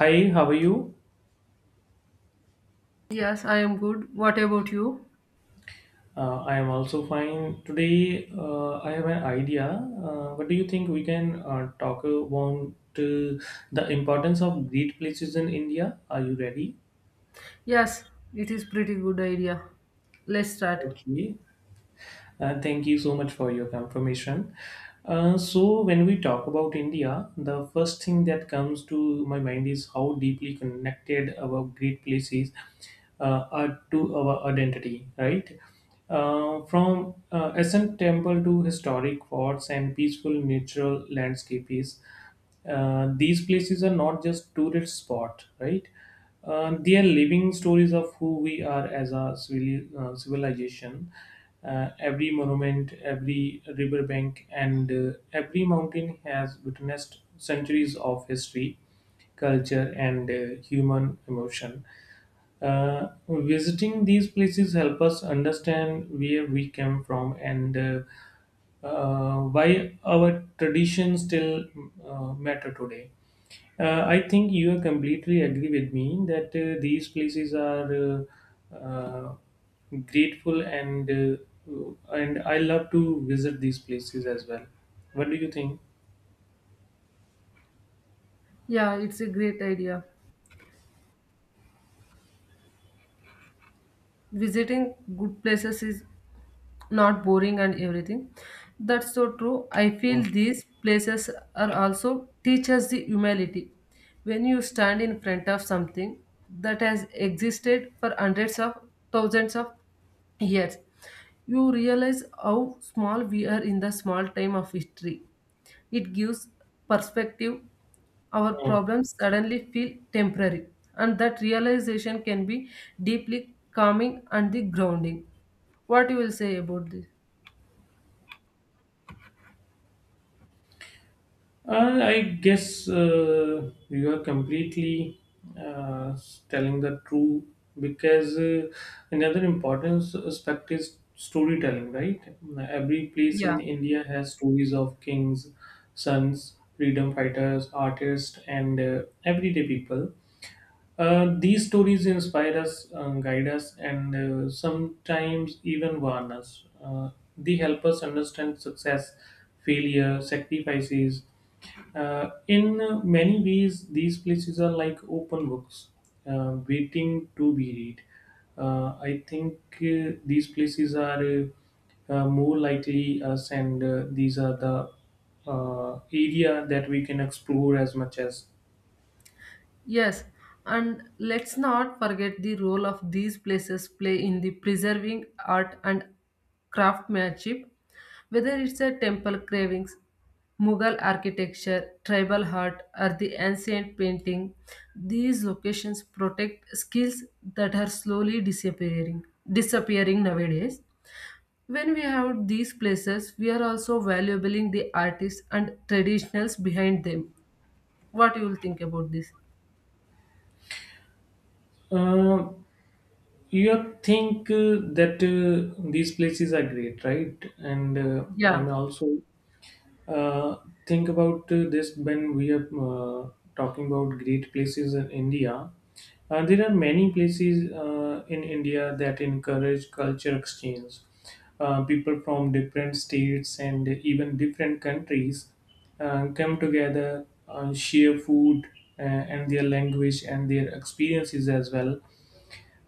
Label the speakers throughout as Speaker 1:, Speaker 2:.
Speaker 1: Hi, how are you?
Speaker 2: Yes, I am good. What about you?
Speaker 1: I am also fine. Today, I have an idea. What do you think we can talk about uh, the importance of great places in India? Are you ready?
Speaker 2: Yes, it is pretty good idea. Let's start.
Speaker 1: Okay. Thank you so much for your confirmation. So, when we talk about India, the first thing that comes to my mind is how deeply connected our great places are to our identity, right? From ancient temple to historic forts and peaceful natural landscapes, these places are not just tourist spot, right? They are living stories of who we are as a civilization. Every monument, every riverbank, and every mountain has witnessed centuries of history, culture, and human emotion. Visiting these places help us understand where we came from and why our traditions still matter today. I think you completely agree with me that these places are grateful and I love to visit these places as well. What do you think?
Speaker 2: Yeah, it's a great idea. Visiting good places is not boring and everything. That's so true. I feel
Speaker 1: Mm,
Speaker 2: these places are also teach us the humility. When you stand in front of something that has existed for hundreds of thousands of years, you realize how small we are in the small time of history. It gives perspective. Our
Speaker 1: mm.
Speaker 2: problems suddenly feel temporary, and that realization can be deeply calming and the grounding. What you will say about this?
Speaker 1: I guess you are completely uh, telling the truth because another important aspect is storytelling, right? Every place
Speaker 2: Yeah.
Speaker 1: in India has stories of kings, sons, freedom fighters, artists, and everyday people. These stories inspire us, guide us, and sometimes even warn us. They help us understand success, failure, sacrifices in many ways, these places are like open books, waiting to be read. I think these places are more likely us, and these are the area that we can explore as much as.
Speaker 2: Yes, and let's not forget the role of these places play in the preserving art and craftsmanship, whether it's a temple carvings, Mughal architecture, tribal art, or the ancient painting. These locations protect skills that are slowly disappearing nowadays. When we have these places, we are also valuing the artists and traditionals behind them. What you will think about this?
Speaker 1: Uh, you think that these places are great, right? And
Speaker 2: Yeah.
Speaker 1: I'm also. Uh, think about this when we are talking about great places in India. There are many places in India that encourage culture exchange. People from different states and even different countries come together, share food and their language and their experiences as well.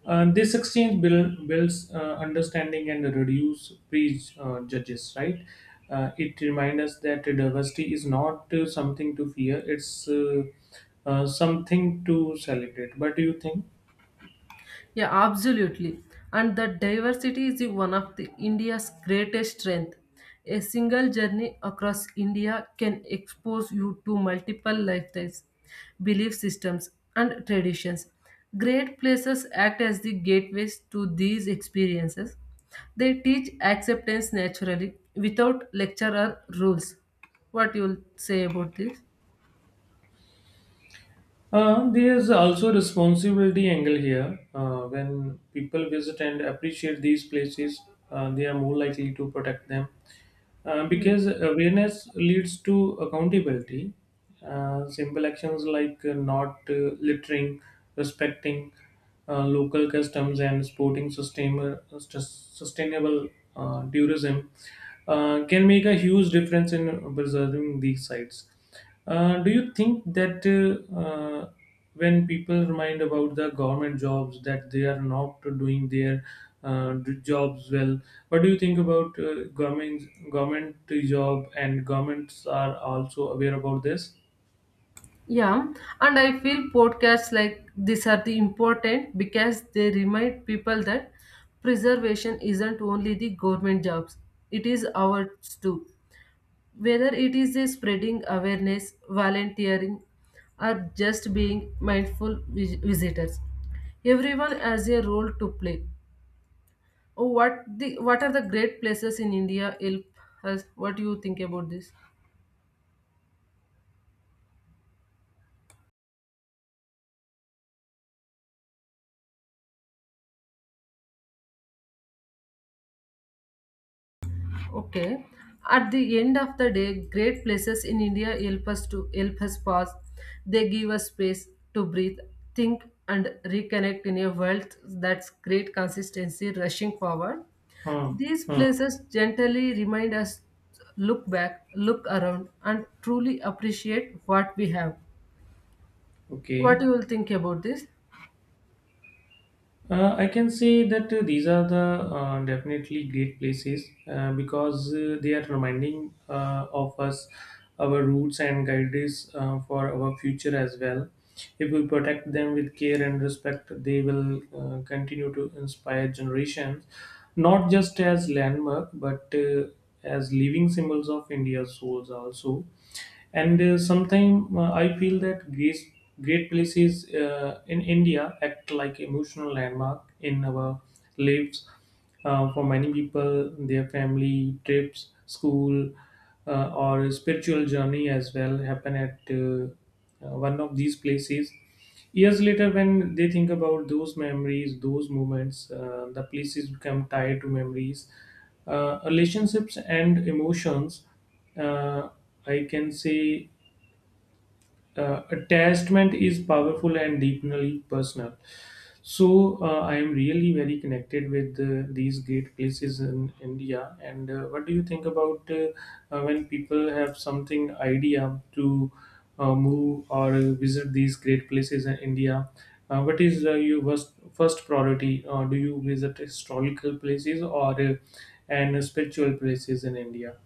Speaker 1: This exchange builds understanding and reduce prejudges, right? It reminds us that diversity is not something to fear; it's something to celebrate. But do you think?
Speaker 2: Yeah, absolutely. And that diversity is the one of the India's greatest strength. A single journey across India can expose you to multiple lifestyles, belief systems, and traditions. Great places act as the gateways to these experiences. They teach acceptance naturally without lecture or rules. What you'll say about this?
Speaker 1: There's also responsibility angle here. When people visit and appreciate these places, they are more likely to protect them
Speaker 2: Yeah.
Speaker 1: because awareness leads to accountability. Simple actions like not littering, respecting local customs, and supporting sustainable tourism can make a huge difference in preserving these sites. Do you think that when people remind about the government jobs that they are not doing their jobs well, what do you think about government job and governments are also aware about this?
Speaker 2: Yeah, and I feel podcasts like these are the important because they remind people that preservation isn't only the government jobs, it is ours too. Whether it is a spreading awareness, volunteering, or just being mindful visitors, everyone has a role to play. Oh, what are the great places in India help us? What do you think about this? Okay. At the end of the day, great places in India help us to help us pause. They give us space to breathe, think, and reconnect in a world that's great consistency rushing forward.
Speaker 1: Huh.
Speaker 2: These
Speaker 1: Huh.
Speaker 2: places gently remind us look back, look around, and truly appreciate what we have. What
Speaker 1: Okay.
Speaker 2: you will think about this?
Speaker 1: I can say that these are the definitely great places because they are reminding of us our roots and guides for our future as well. If we protect them with care and respect, they will continue to inspire generations, not just as landmark but as living symbols of India's souls also, and sometimes I feel that great places in India act like emotional landmark in our lives for many people their family trips school or spiritual journey as well happen at one of these places years later. When they think about those memories those moments, the places become tied to memories, relationships and emotions. uh, I can say attachment is powerful and deeply personal. So I am really very connected with these great places in India. And what do you think about when people have something idea to move or visit these great places in India? What is your first priority? Do you visit historical places or and spiritual places in India?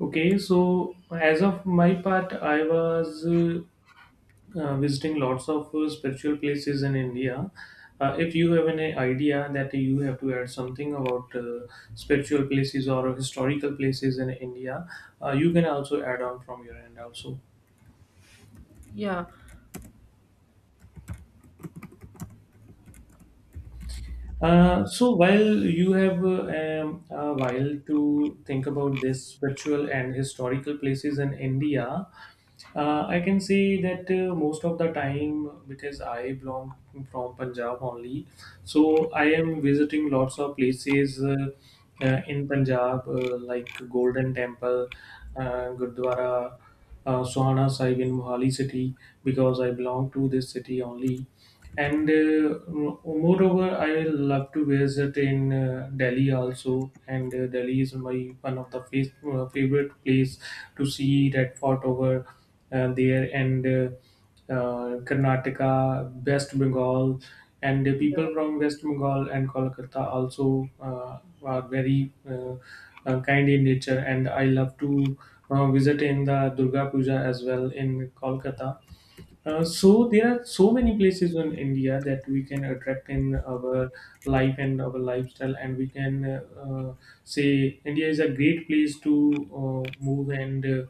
Speaker 1: Okay, so as of my part, I was visiting lots of spiritual places in India. If you have any idea that you have to add something about spiritual places or historical places in India, you can also add on from your end also.
Speaker 2: Yeah.
Speaker 1: So while you have a while to think about this spiritual and historical places in India, I can say that most of the time, because I belong from Punjab only, so I am visiting lots of places in Punjab, like Golden Temple, Gurdwara, Sohana Sahib in Mohali city, because I belong to this city only. And moreover, I love to visit in Delhi also, and Delhi is my one of the favorite place to see Red Fort over there. And Karnataka, West Bengal, and the
Speaker 2: Yeah.
Speaker 1: people from West Bengal and Kolkata also are very kind in nature, and I love to visit in the Durga Puja as well in Kolkata. So there are so many places in India that we can attract in our life and our lifestyle, and we can say India is a great place to move and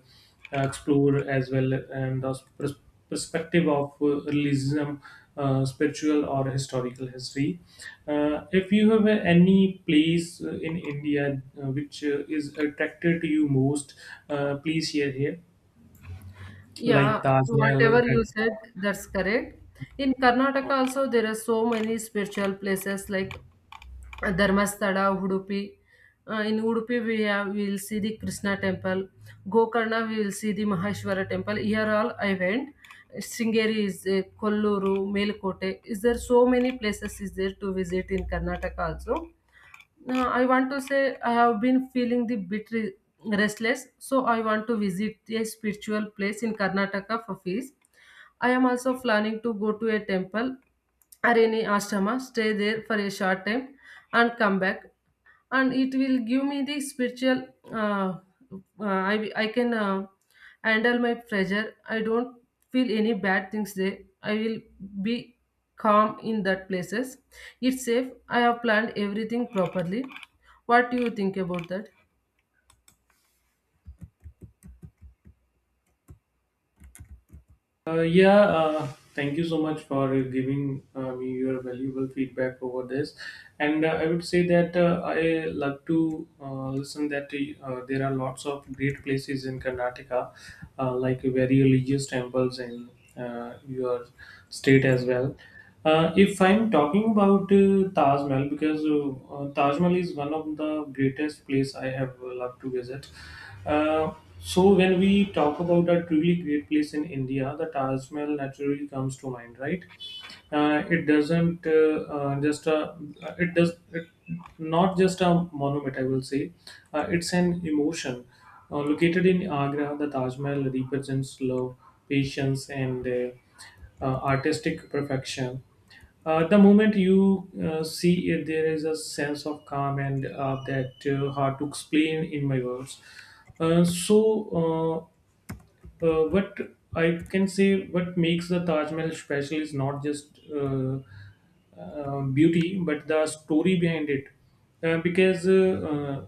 Speaker 1: explore as well, and the perspective of realism, spiritual or historical history. If you have any place in India which is attracted to you most, please share here, like
Speaker 2: Yeah,
Speaker 1: Taj Mahal,
Speaker 2: whatever
Speaker 1: Red
Speaker 2: you said,
Speaker 1: Fort.
Speaker 2: that's correct. In Karnataka also, there are so many spiritual places like Dharmasthala, Udupi. In Udupi, we will see the Krishna temple. Gokarna, we will see the Maheshwara temple. Here all I went. Sringeri is there, Kolluru, Melkote. Is there so many places is there to visit in Karnataka also? Uh, I want to say I have been feeling the bit restless, so I want to visit a spiritual place in Karnataka for peace. I am also planning to go to a temple or any ashrama, stay there for a short time, and come back, and it will give me the spiritual I can handle my pressure. I don't feel any bad things there. I will be calm in that places. It's safe. I have planned everything properly. What do you think about that?
Speaker 1: Yeah, thank you so much for giving me your valuable feedback over this. And I would say that I love to listen that there are lots of great places in Karnataka, like very religious temples in your state as well. If I'm talking about Taj Mahal, because Taj Mahal is one of the greatest place I have loved to visit. Uh, so when we talk about a truly great place in India, the Taj Mahal naturally comes to mind, right? It doesn't just a, it does it, not just a monument, I will say, it's an emotion. Located in Agra, the Taj Mahal represents love, patience, and artistic perfection. The moment you see it, there is a sense of calm and that hard to explain in my words. So, what I can say, what makes the Taj Mahal special is not just beauty, but the story behind it. Because uh,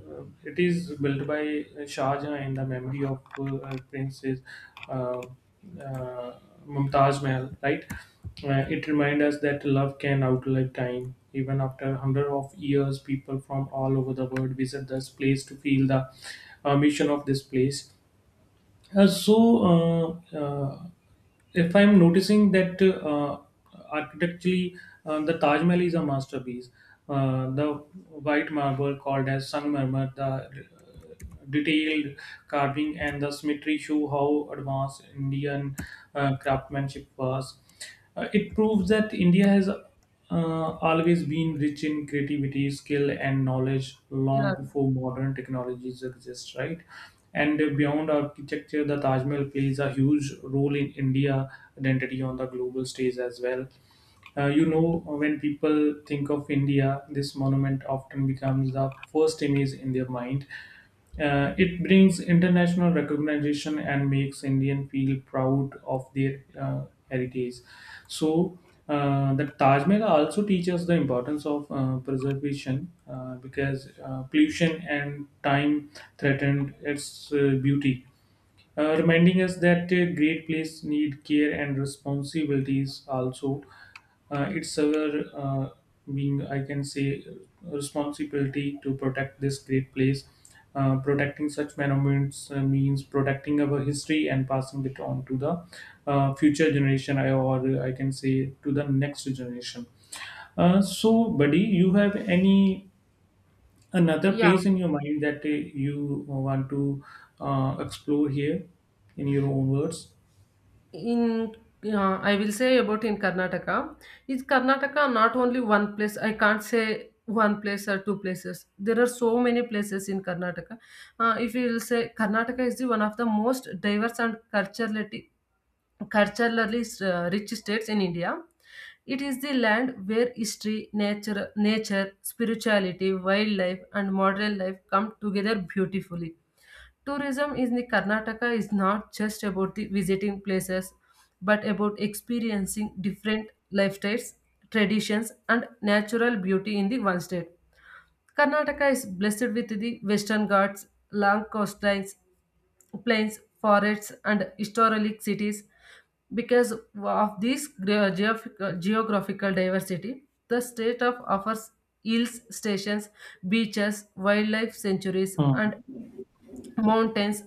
Speaker 1: uh, it is built by Shah Jahan in the memory of our Princess uh, uh, Mumtaz Mahal, right? It reminds us that love can outlive time. Even after hundreds of years, people from all over the world visit this place to feel the mission of this place. So, if I'm noticing that architecturally the Taj Mahal is a masterpiece, the white marble called as Sangmarmar, the detailed carving and the symmetry show how advanced Indian craftsmanship was. It proves that India has always been rich in creativity, skill, and knowledge
Speaker 2: Yeah,
Speaker 1: long before modern technologies exist, right? And beyond architecture, the Taj Mahal plays a huge role in India identity on the global stage as well. You know, when people think of India, this monument often becomes the first image in their mind. It brings international recognition and makes Indian feel proud of their heritage. So, the Taj Mahal also teaches the importance of preservation because pollution and time threatened its beauty, reminding us that great place need care and responsibilities also. It's our being, I can say, responsibility to protect this great place. Protecting such monuments means protecting our history and passing it on to the future generation, or I can say to the next generation. So, buddy, you have any another
Speaker 2: yeah.
Speaker 1: place in your mind that you want to explore here in your own words?
Speaker 2: In Yeah, I will say about in Karnataka. Is Karnataka not only one place? I can't say one place or two places. There are so many places in Karnataka. If you will say Karnataka is the one of the most diverse and culturally rich states in India. It is the land where history, nature, spirituality, wildlife, and modern life come together beautifully. Tourism in the Karnataka is not just about the visiting places, but about experiencing different lifestyles, traditions, and natural beauty in the one state. Karnataka is blessed with the Western Ghats, long coastlines, plains, forests, and historic cities. Because of this geographical diversity, the state of offers hills stations, beaches, wildlife sanctuaries,
Speaker 1: Hmm,
Speaker 2: and mountains,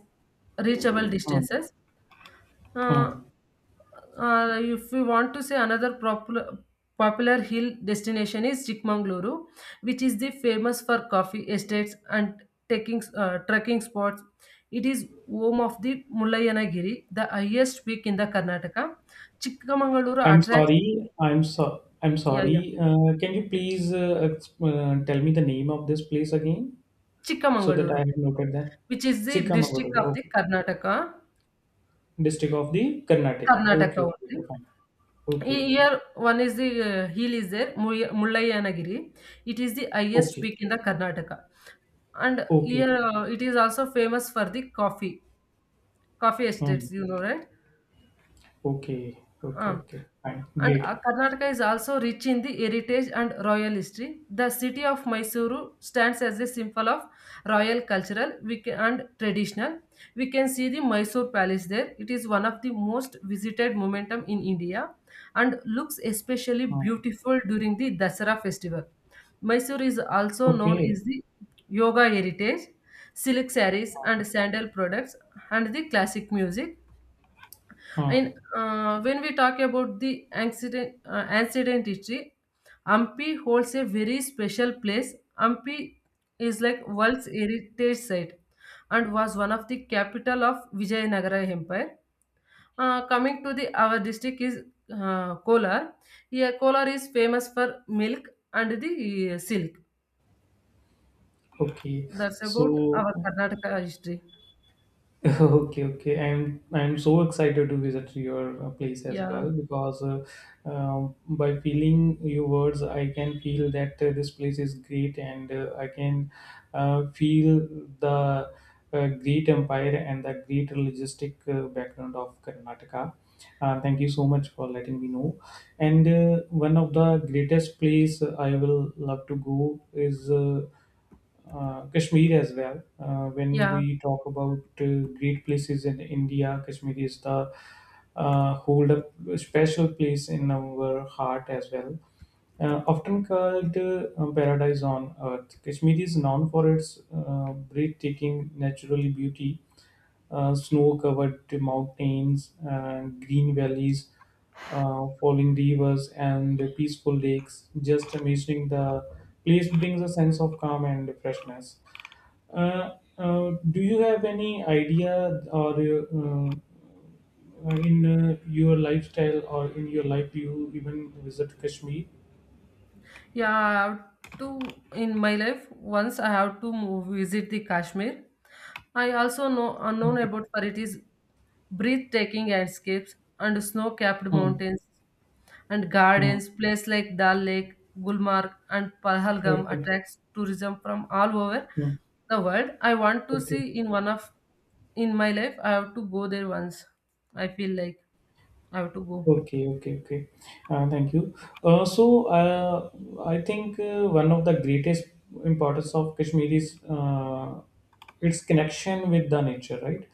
Speaker 2: reachable
Speaker 1: hmm,
Speaker 2: distances. Uh,
Speaker 1: hmm.
Speaker 2: if we want to say another popular hill destination is Chikmagaluru, which is the famous for coffee estates and taking trekking spots. It is home of the Mullayanagiri, the highest peak in the Karnataka. Chikmagaluru
Speaker 1: I'm
Speaker 2: attracts.
Speaker 1: sorry. I'm so. I'm
Speaker 2: Yeah, yeah.
Speaker 1: sorry. Can you please tell me the name of this place again so that I
Speaker 2: Chikmagaluru,
Speaker 1: have noted that?
Speaker 2: which is the district
Speaker 1: Chikamagaluru,
Speaker 2: of the
Speaker 1: okay.
Speaker 2: Karnataka.
Speaker 1: District of the Karnataka.
Speaker 2: Karnataka
Speaker 1: Okay, okay,
Speaker 2: only.
Speaker 1: okay, fine. Okay, okay,
Speaker 2: Here one is the hill is there, Mullayanagiri. It is the highest
Speaker 1: okay,
Speaker 2: peak in the Karnataka, and
Speaker 1: okay,
Speaker 2: here
Speaker 1: okay.
Speaker 2: it is also famous for the coffee,
Speaker 1: Hmm.
Speaker 2: estates. You know, right?
Speaker 1: Okay, okay,
Speaker 2: Um,
Speaker 1: okay, fine,
Speaker 2: and
Speaker 1: great.
Speaker 2: Karnataka is also rich in the heritage and royal history. The city of Mysuru stands as a symbol of royal cultural and traditional. We can see the Mysore Palace there. It is one of the most visited momentum in India and looks especially
Speaker 1: Hmm.
Speaker 2: beautiful during the Dasara festival. Mysore is also known
Speaker 1: Okay.
Speaker 2: as the yoga heritage, silk sarees and sandal products and the classic music.
Speaker 1: Hmm.
Speaker 2: And when we talk about the accident history, Ampi holds a very special place. Ampi is like world's heritage site and was one of the capital of Vijayanagara Empire. Coming to the our district is Kolar. Yeah, Kolar is famous for milk and the silk.
Speaker 1: Okay,
Speaker 2: That's about
Speaker 1: so
Speaker 2: our Karnataka history.
Speaker 1: okay, okay. I'm so excited to visit your place as
Speaker 2: Yeah,
Speaker 1: well, because by feeling your words, I can feel that this place is great, and I can feel the great empire and the great logistic background of Karnataka. Thank you so much for letting me know. And one of the greatest place I will love to go is. Kashmir as well. When
Speaker 2: yeah.
Speaker 1: we talk about great places in India, Kashmir is the hold up special place in our heart as well. Often called paradise on earth, Kashmir is known for its breathtaking natural beauty, snow-covered mountains, green valleys, falling rivers, and peaceful lakes. Just imagining the place brings a sense of calm and freshness. Uh, do you have any idea or in your lifestyle or in your life do you even visit Kashmir?
Speaker 2: Yeah, I have to in my life once I have to move visit the Kashmir. I also know unknown
Speaker 1: Okay.
Speaker 2: about for it is breathtaking landscapes and snow-capped
Speaker 1: Hmm.
Speaker 2: mountains and
Speaker 1: うん。オ
Speaker 2: gardens. Place like Dal Lake, Gulmarg, and
Speaker 1: ッ
Speaker 2: Pahalgam
Speaker 1: ケー、
Speaker 2: attracts tourism from all over
Speaker 1: うん、
Speaker 2: the world. I want
Speaker 1: オ
Speaker 2: to
Speaker 1: ッケー。
Speaker 2: see in one of in my life. I have to go there once. I feel like I have to go.
Speaker 1: Okay, okay, okay. Thank you. Uh, so, uh, I think one of the greatest importance of Kashmir is its connection with the nature, right?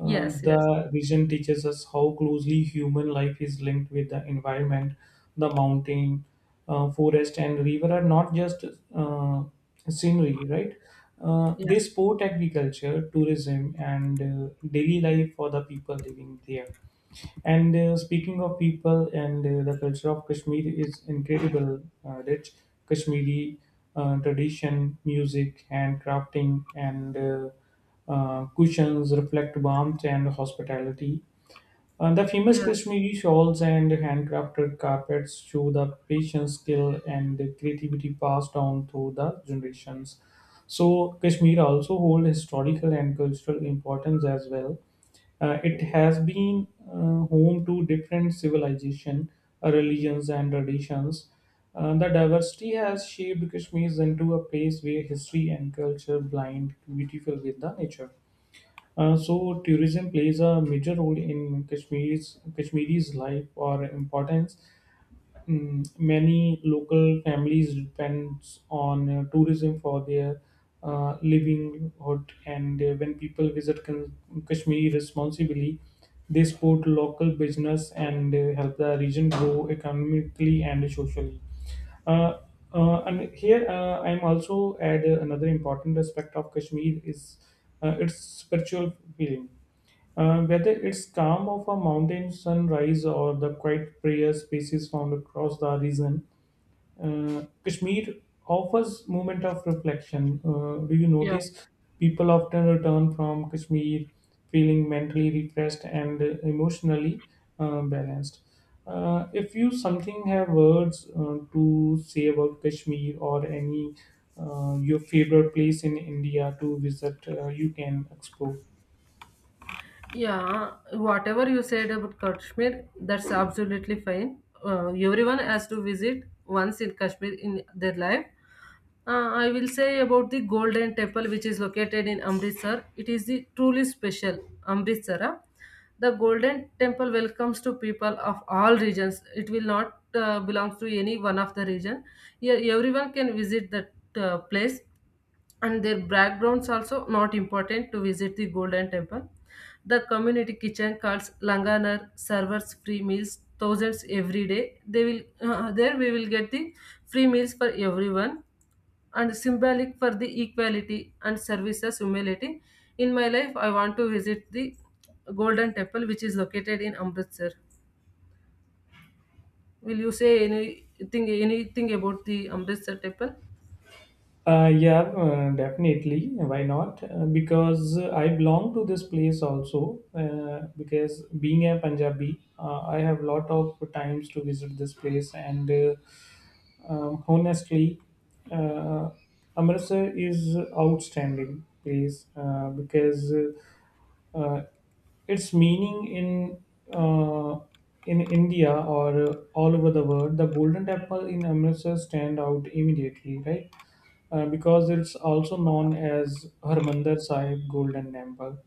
Speaker 2: Yes, yes,
Speaker 1: The region teaches us how closely human life is linked with the environment. The mountain, forest, and river are not just uh, scenery, right?
Speaker 2: yeah,
Speaker 1: They support agriculture, tourism, and daily life for the people living there, and speaking of people, and the culture of Kashmir is incredible, rich Kashmiri tradition, music, handcrafting, and cushions reflect warmth and hospitality. The famous
Speaker 2: yeah,
Speaker 1: Kashmiri shawls and handcrafted carpets show the patience, skill, and creativity passed down through the generations. So Kashmir also hold historical and cultural importance as well. It has been home to different civilization, religions, and traditions. The diversity has shaped Kashmir into a place where history and culture blend beautiful with the nature. So tourism plays a major role in Kashmir's Kashmiri's life or importance. Mm, many local families depends on tourism for their livelihood, and when people visit Kashmir responsibly, they support local business and help the region grow economically and socially. uh, and here I'm also add another important aspect of Kashmir is its spiritual feeling. Whether it's calm of a mountain sunrise or the quiet prayer spaces found across the region, Kashmir offers moment of reflection. Do you
Speaker 2: yeah.
Speaker 1: notice people often return from Kashmir feeling mentally refreshed and emotionally balanced? If you something have words to say about Kashmir or any your favorite place in India to visit, you can explore.
Speaker 2: Yeah, whatever you said about Kashmir, that's absolutely fine. Everyone has to visit once in Kashmir in their life. I will say about the Golden Temple, which is located in Amritsar. It is the truly special Amritsara. The Golden Temple welcomes to people of all regions. It will not belong to any one of the region. Here, everyone can visit that place, and their backgrounds also not important to visit the Golden Temple. The community kitchen cards langanar servers free meals thousands every day they will there we will get the free meals for everyone and symbolic for the equality and services humility. In my life I want to visit the Golden Temple, which is located in Amritsar. Will you say anything about the Amritsar temple?
Speaker 1: Yeah, definitely. Why not? Because I belong to this place also. Because being a Punjabi, I have lot of times to visit this place, and honestly, uh, Amritsar is outstanding place because uh, uh, its meaning in India or all over the world, the Golden Temple in Amritsar stand out immediately, right? Because it's also known as Harmandir Sahib Golden Temple.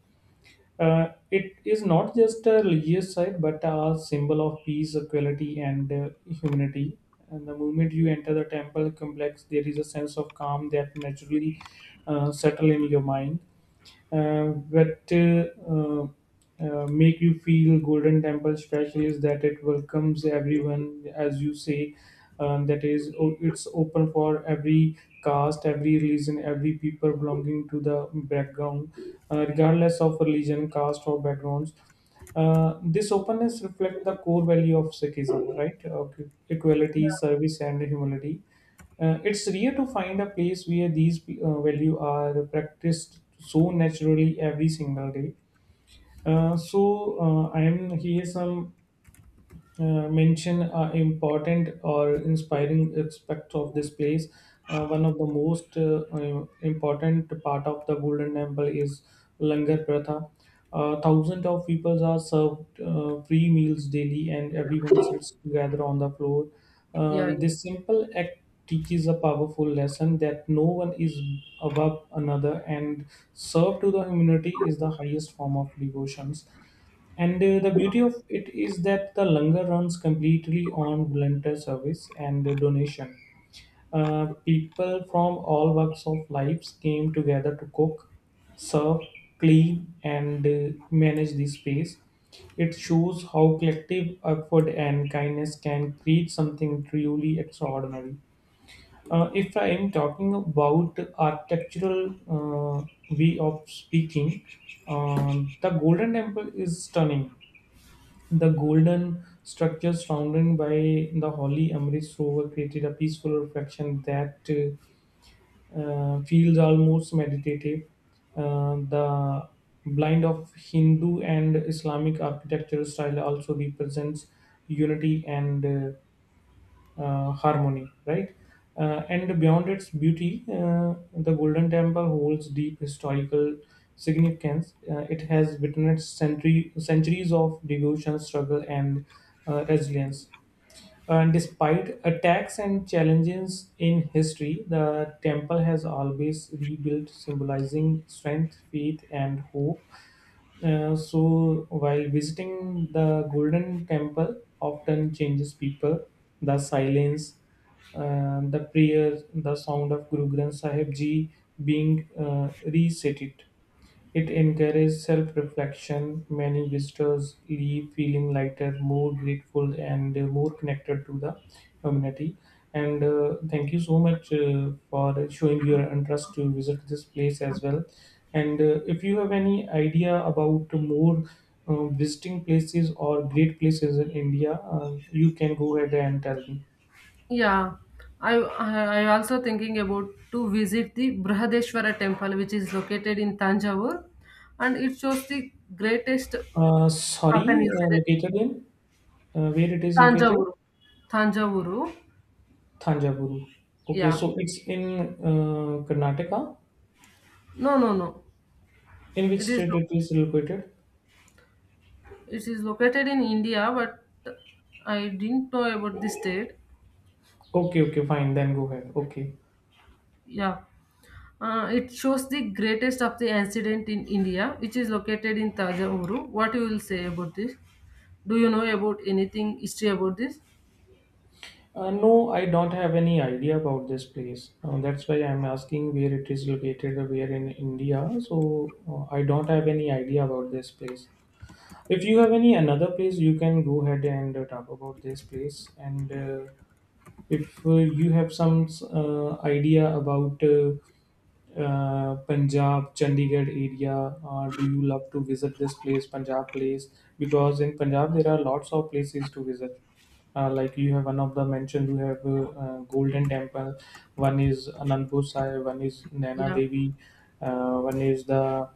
Speaker 1: It is not just a religious site but a symbol of peace, equality, and humanity. And the moment you enter the temple complex, there is a sense of calm that naturally settle in your mind. What Make you feel Golden Temple special is that it welcomes everyone, as you say. That is it's open for every caste, every religion, every people belonging to the background, regardless of religion, caste, or backgrounds. This openness reflects the core value of Sikhism, right? Okay.
Speaker 2: Yeah,
Speaker 1: Equality, service, and humility. It's rare to find a place where these values are practiced so naturally every single day. I am here some mention important or inspiring aspects of this place. One of the most important part of the Golden Temple is Langar Pratha. Thousands of people are served free meals daily, and everyone sits together on the floor.
Speaker 2: yeah.
Speaker 1: This simple act teaches a powerful lesson that no one is above another, and serve to the humanity is the highest form of devotions. And the beauty of it is that the Langar runs completely on volunteer service and donation. People from all walks of lives came together to cook, serve, clean, and manage the space. It shows how collective effort and kindness can create something truly extraordinary. If I am talking about architectural way of speaking, the Golden Temple is stunning. The golden structures surrounded by the holy Amrit Rover created a peaceful reflection that feels almost meditative. The blend of Hindu and Islamic architectural style also represents unity and harmony, right? And beyond its beauty, the Golden Temple holds deep historical significance. It has witnessed centuries of devotion, struggle, and resilience. And despite attacks and challenges in history, the temple has always rebuilt, symbolizing strength, faith, and hope. So while visiting the Golden Temple, often changes people. The silence, the prayers, the sound of Guru Granth Sahib Ji being recited. It encourages self-reflection; many visitors leave feeling lighter, more grateful, and more connected to the community. And thank you so much for showing your interest to visit this place as well. And if you have any idea about more visiting places or great places in India, you can go ahead and tell me.
Speaker 2: Yeah, I I I also thinking about to visit the Brihadeshwara temple, which is located in Tanjavur, and it shows the greatest of an
Speaker 1: Sorry,
Speaker 2: incident.
Speaker 1: located in where it is located?
Speaker 2: Tanjavur, Tanjavur.
Speaker 1: Thanjavur. Okay,
Speaker 2: Yeah,
Speaker 1: so it's in Karnataka.
Speaker 2: no, no, no.
Speaker 1: In which
Speaker 2: It is
Speaker 1: state it is located?
Speaker 2: it is located in India, but I didn't know about the state.
Speaker 1: Okay, okay, fine. Then go ahead. Okay.
Speaker 2: Yeah, it shows the greatest of the incident in India, which is located in Tanjavur. What you will say about this? Do you know about anything history about this?
Speaker 1: No, I don't have any idea about this place. That's why I'm asking where it is located, where in India. So I don't have any idea about this place. If you have any another place, you can go ahead and talk about this place. And if you have some idea about Punjab, Chandigarh area, or do you love to visit this place, Punjab place? Because in Punjab there are lots of places to visit. Like you have one of the mentioned, you have Golden Temple, one is Anandpur Sahib, one is Naina
Speaker 2: Yeah,
Speaker 1: Devi, one is the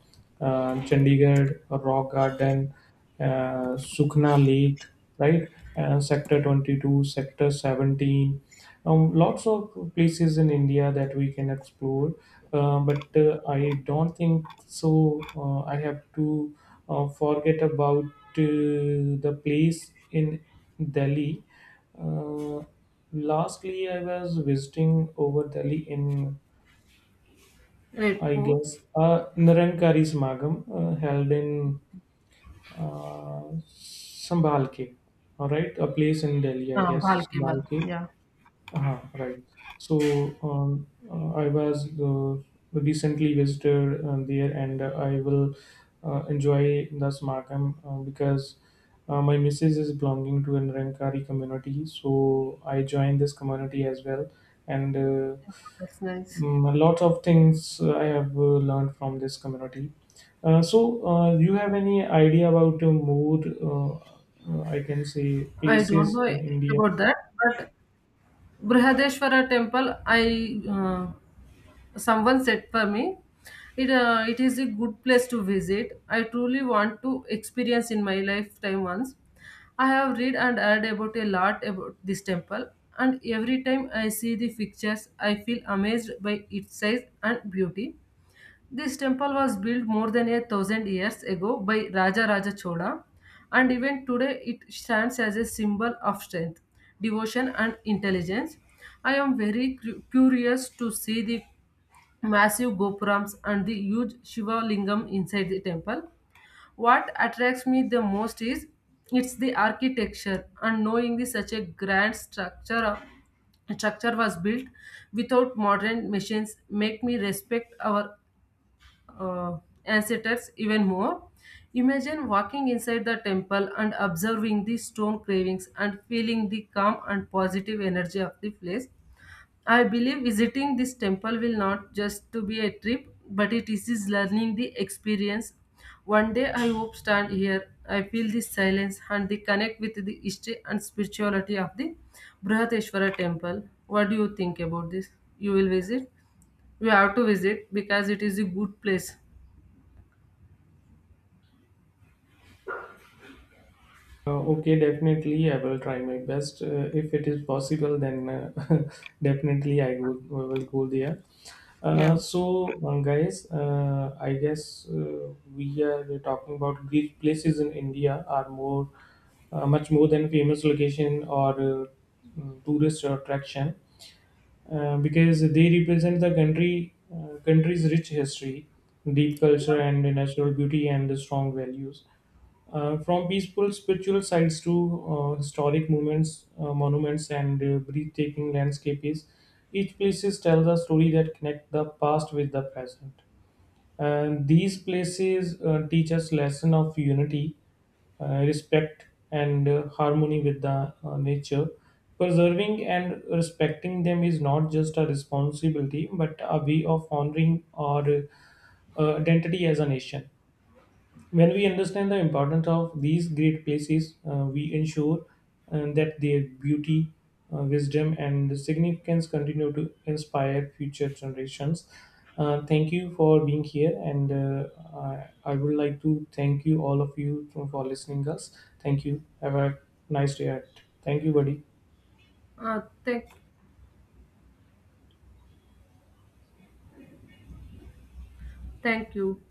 Speaker 1: Chandigarh Rock Garden, Sukhna Lake, right? Sector 22, Sector 17, lots of places in India that we can explore. But I don't think so. I have to forget about the place in Delhi. Uh, Lastly, I was visiting over Delhi in, I
Speaker 2: Redfort,
Speaker 1: guess, Nirankari Samagam held in uh, Sambalke, all right, a place in Delhi, I
Speaker 2: Bhal
Speaker 1: guess.
Speaker 2: Cable.
Speaker 1: Sambalke,
Speaker 2: Yeah,
Speaker 1: right. So I was recently visited there, and I will enjoy the Smarkham because my missus is belonging to a Nirankari community, so I joined this community as well, and.
Speaker 2: yeah, that's nice.
Speaker 1: Mm, lots of things I have learned from this community. So, Do you have any idea about more, I can say,
Speaker 2: I don't
Speaker 1: places
Speaker 2: know
Speaker 1: in India?
Speaker 2: about that, but Brihadeshwara temple, I someone said for me, it is a good place to visit. I truly want to experience in my lifetime once. I have read and heard about a lot about this temple, and every time I see the pictures, I feel amazed by its size and beauty. This temple was built more than 1,000 years ago by Raja Raja Chola, and even today it stands as a symbol of strength, devotion, and intelligence. I am very curious to see the massive gopurams and the huge Shiva Lingam inside the temple. What attracts me the most is it's the architecture, and knowing the such a grand structure was built without modern machines make me respect our uh, ancestors even more. Imagine walking inside the temple and observing the stone carvings and feeling the calm and positive energy of the place. I believe visiting this temple will not just to be a trip, but it is learning the experience. One day I hope stand here. I feel the silence and the connect with the history and spirituality of the Brihateshwara temple. What do you think about this? You will visit? You have to visit because it is a good place.
Speaker 1: Okay, definitely. I will try my best. If it is possible, then definitely I will go there. Uh,
Speaker 2: Yeah.
Speaker 1: so, Guys, I guess we are talking about Greek places in India are more, much more than famous location or tourist attraction, because they represent the country country's rich history, deep culture, and natural beauty and the strong values. From peaceful spiritual sites to historic moments, monuments, and breathtaking landscapes, each place tells a story that connects the past with the present. And these places teach us lesson of unity, respect, and harmony with the nature. Preserving and respecting them is not just a responsibility, but a way of honoring our identity as a nation. When we understand the importance of these great places, we ensure that their beauty, wisdom, and significance continue to inspire future generations. Thank you for being here, and I would like to thank you all of you for listening us. Thank you. Have a nice day. Ahead. Thank you, buddy.
Speaker 2: Uh, thank, thank you.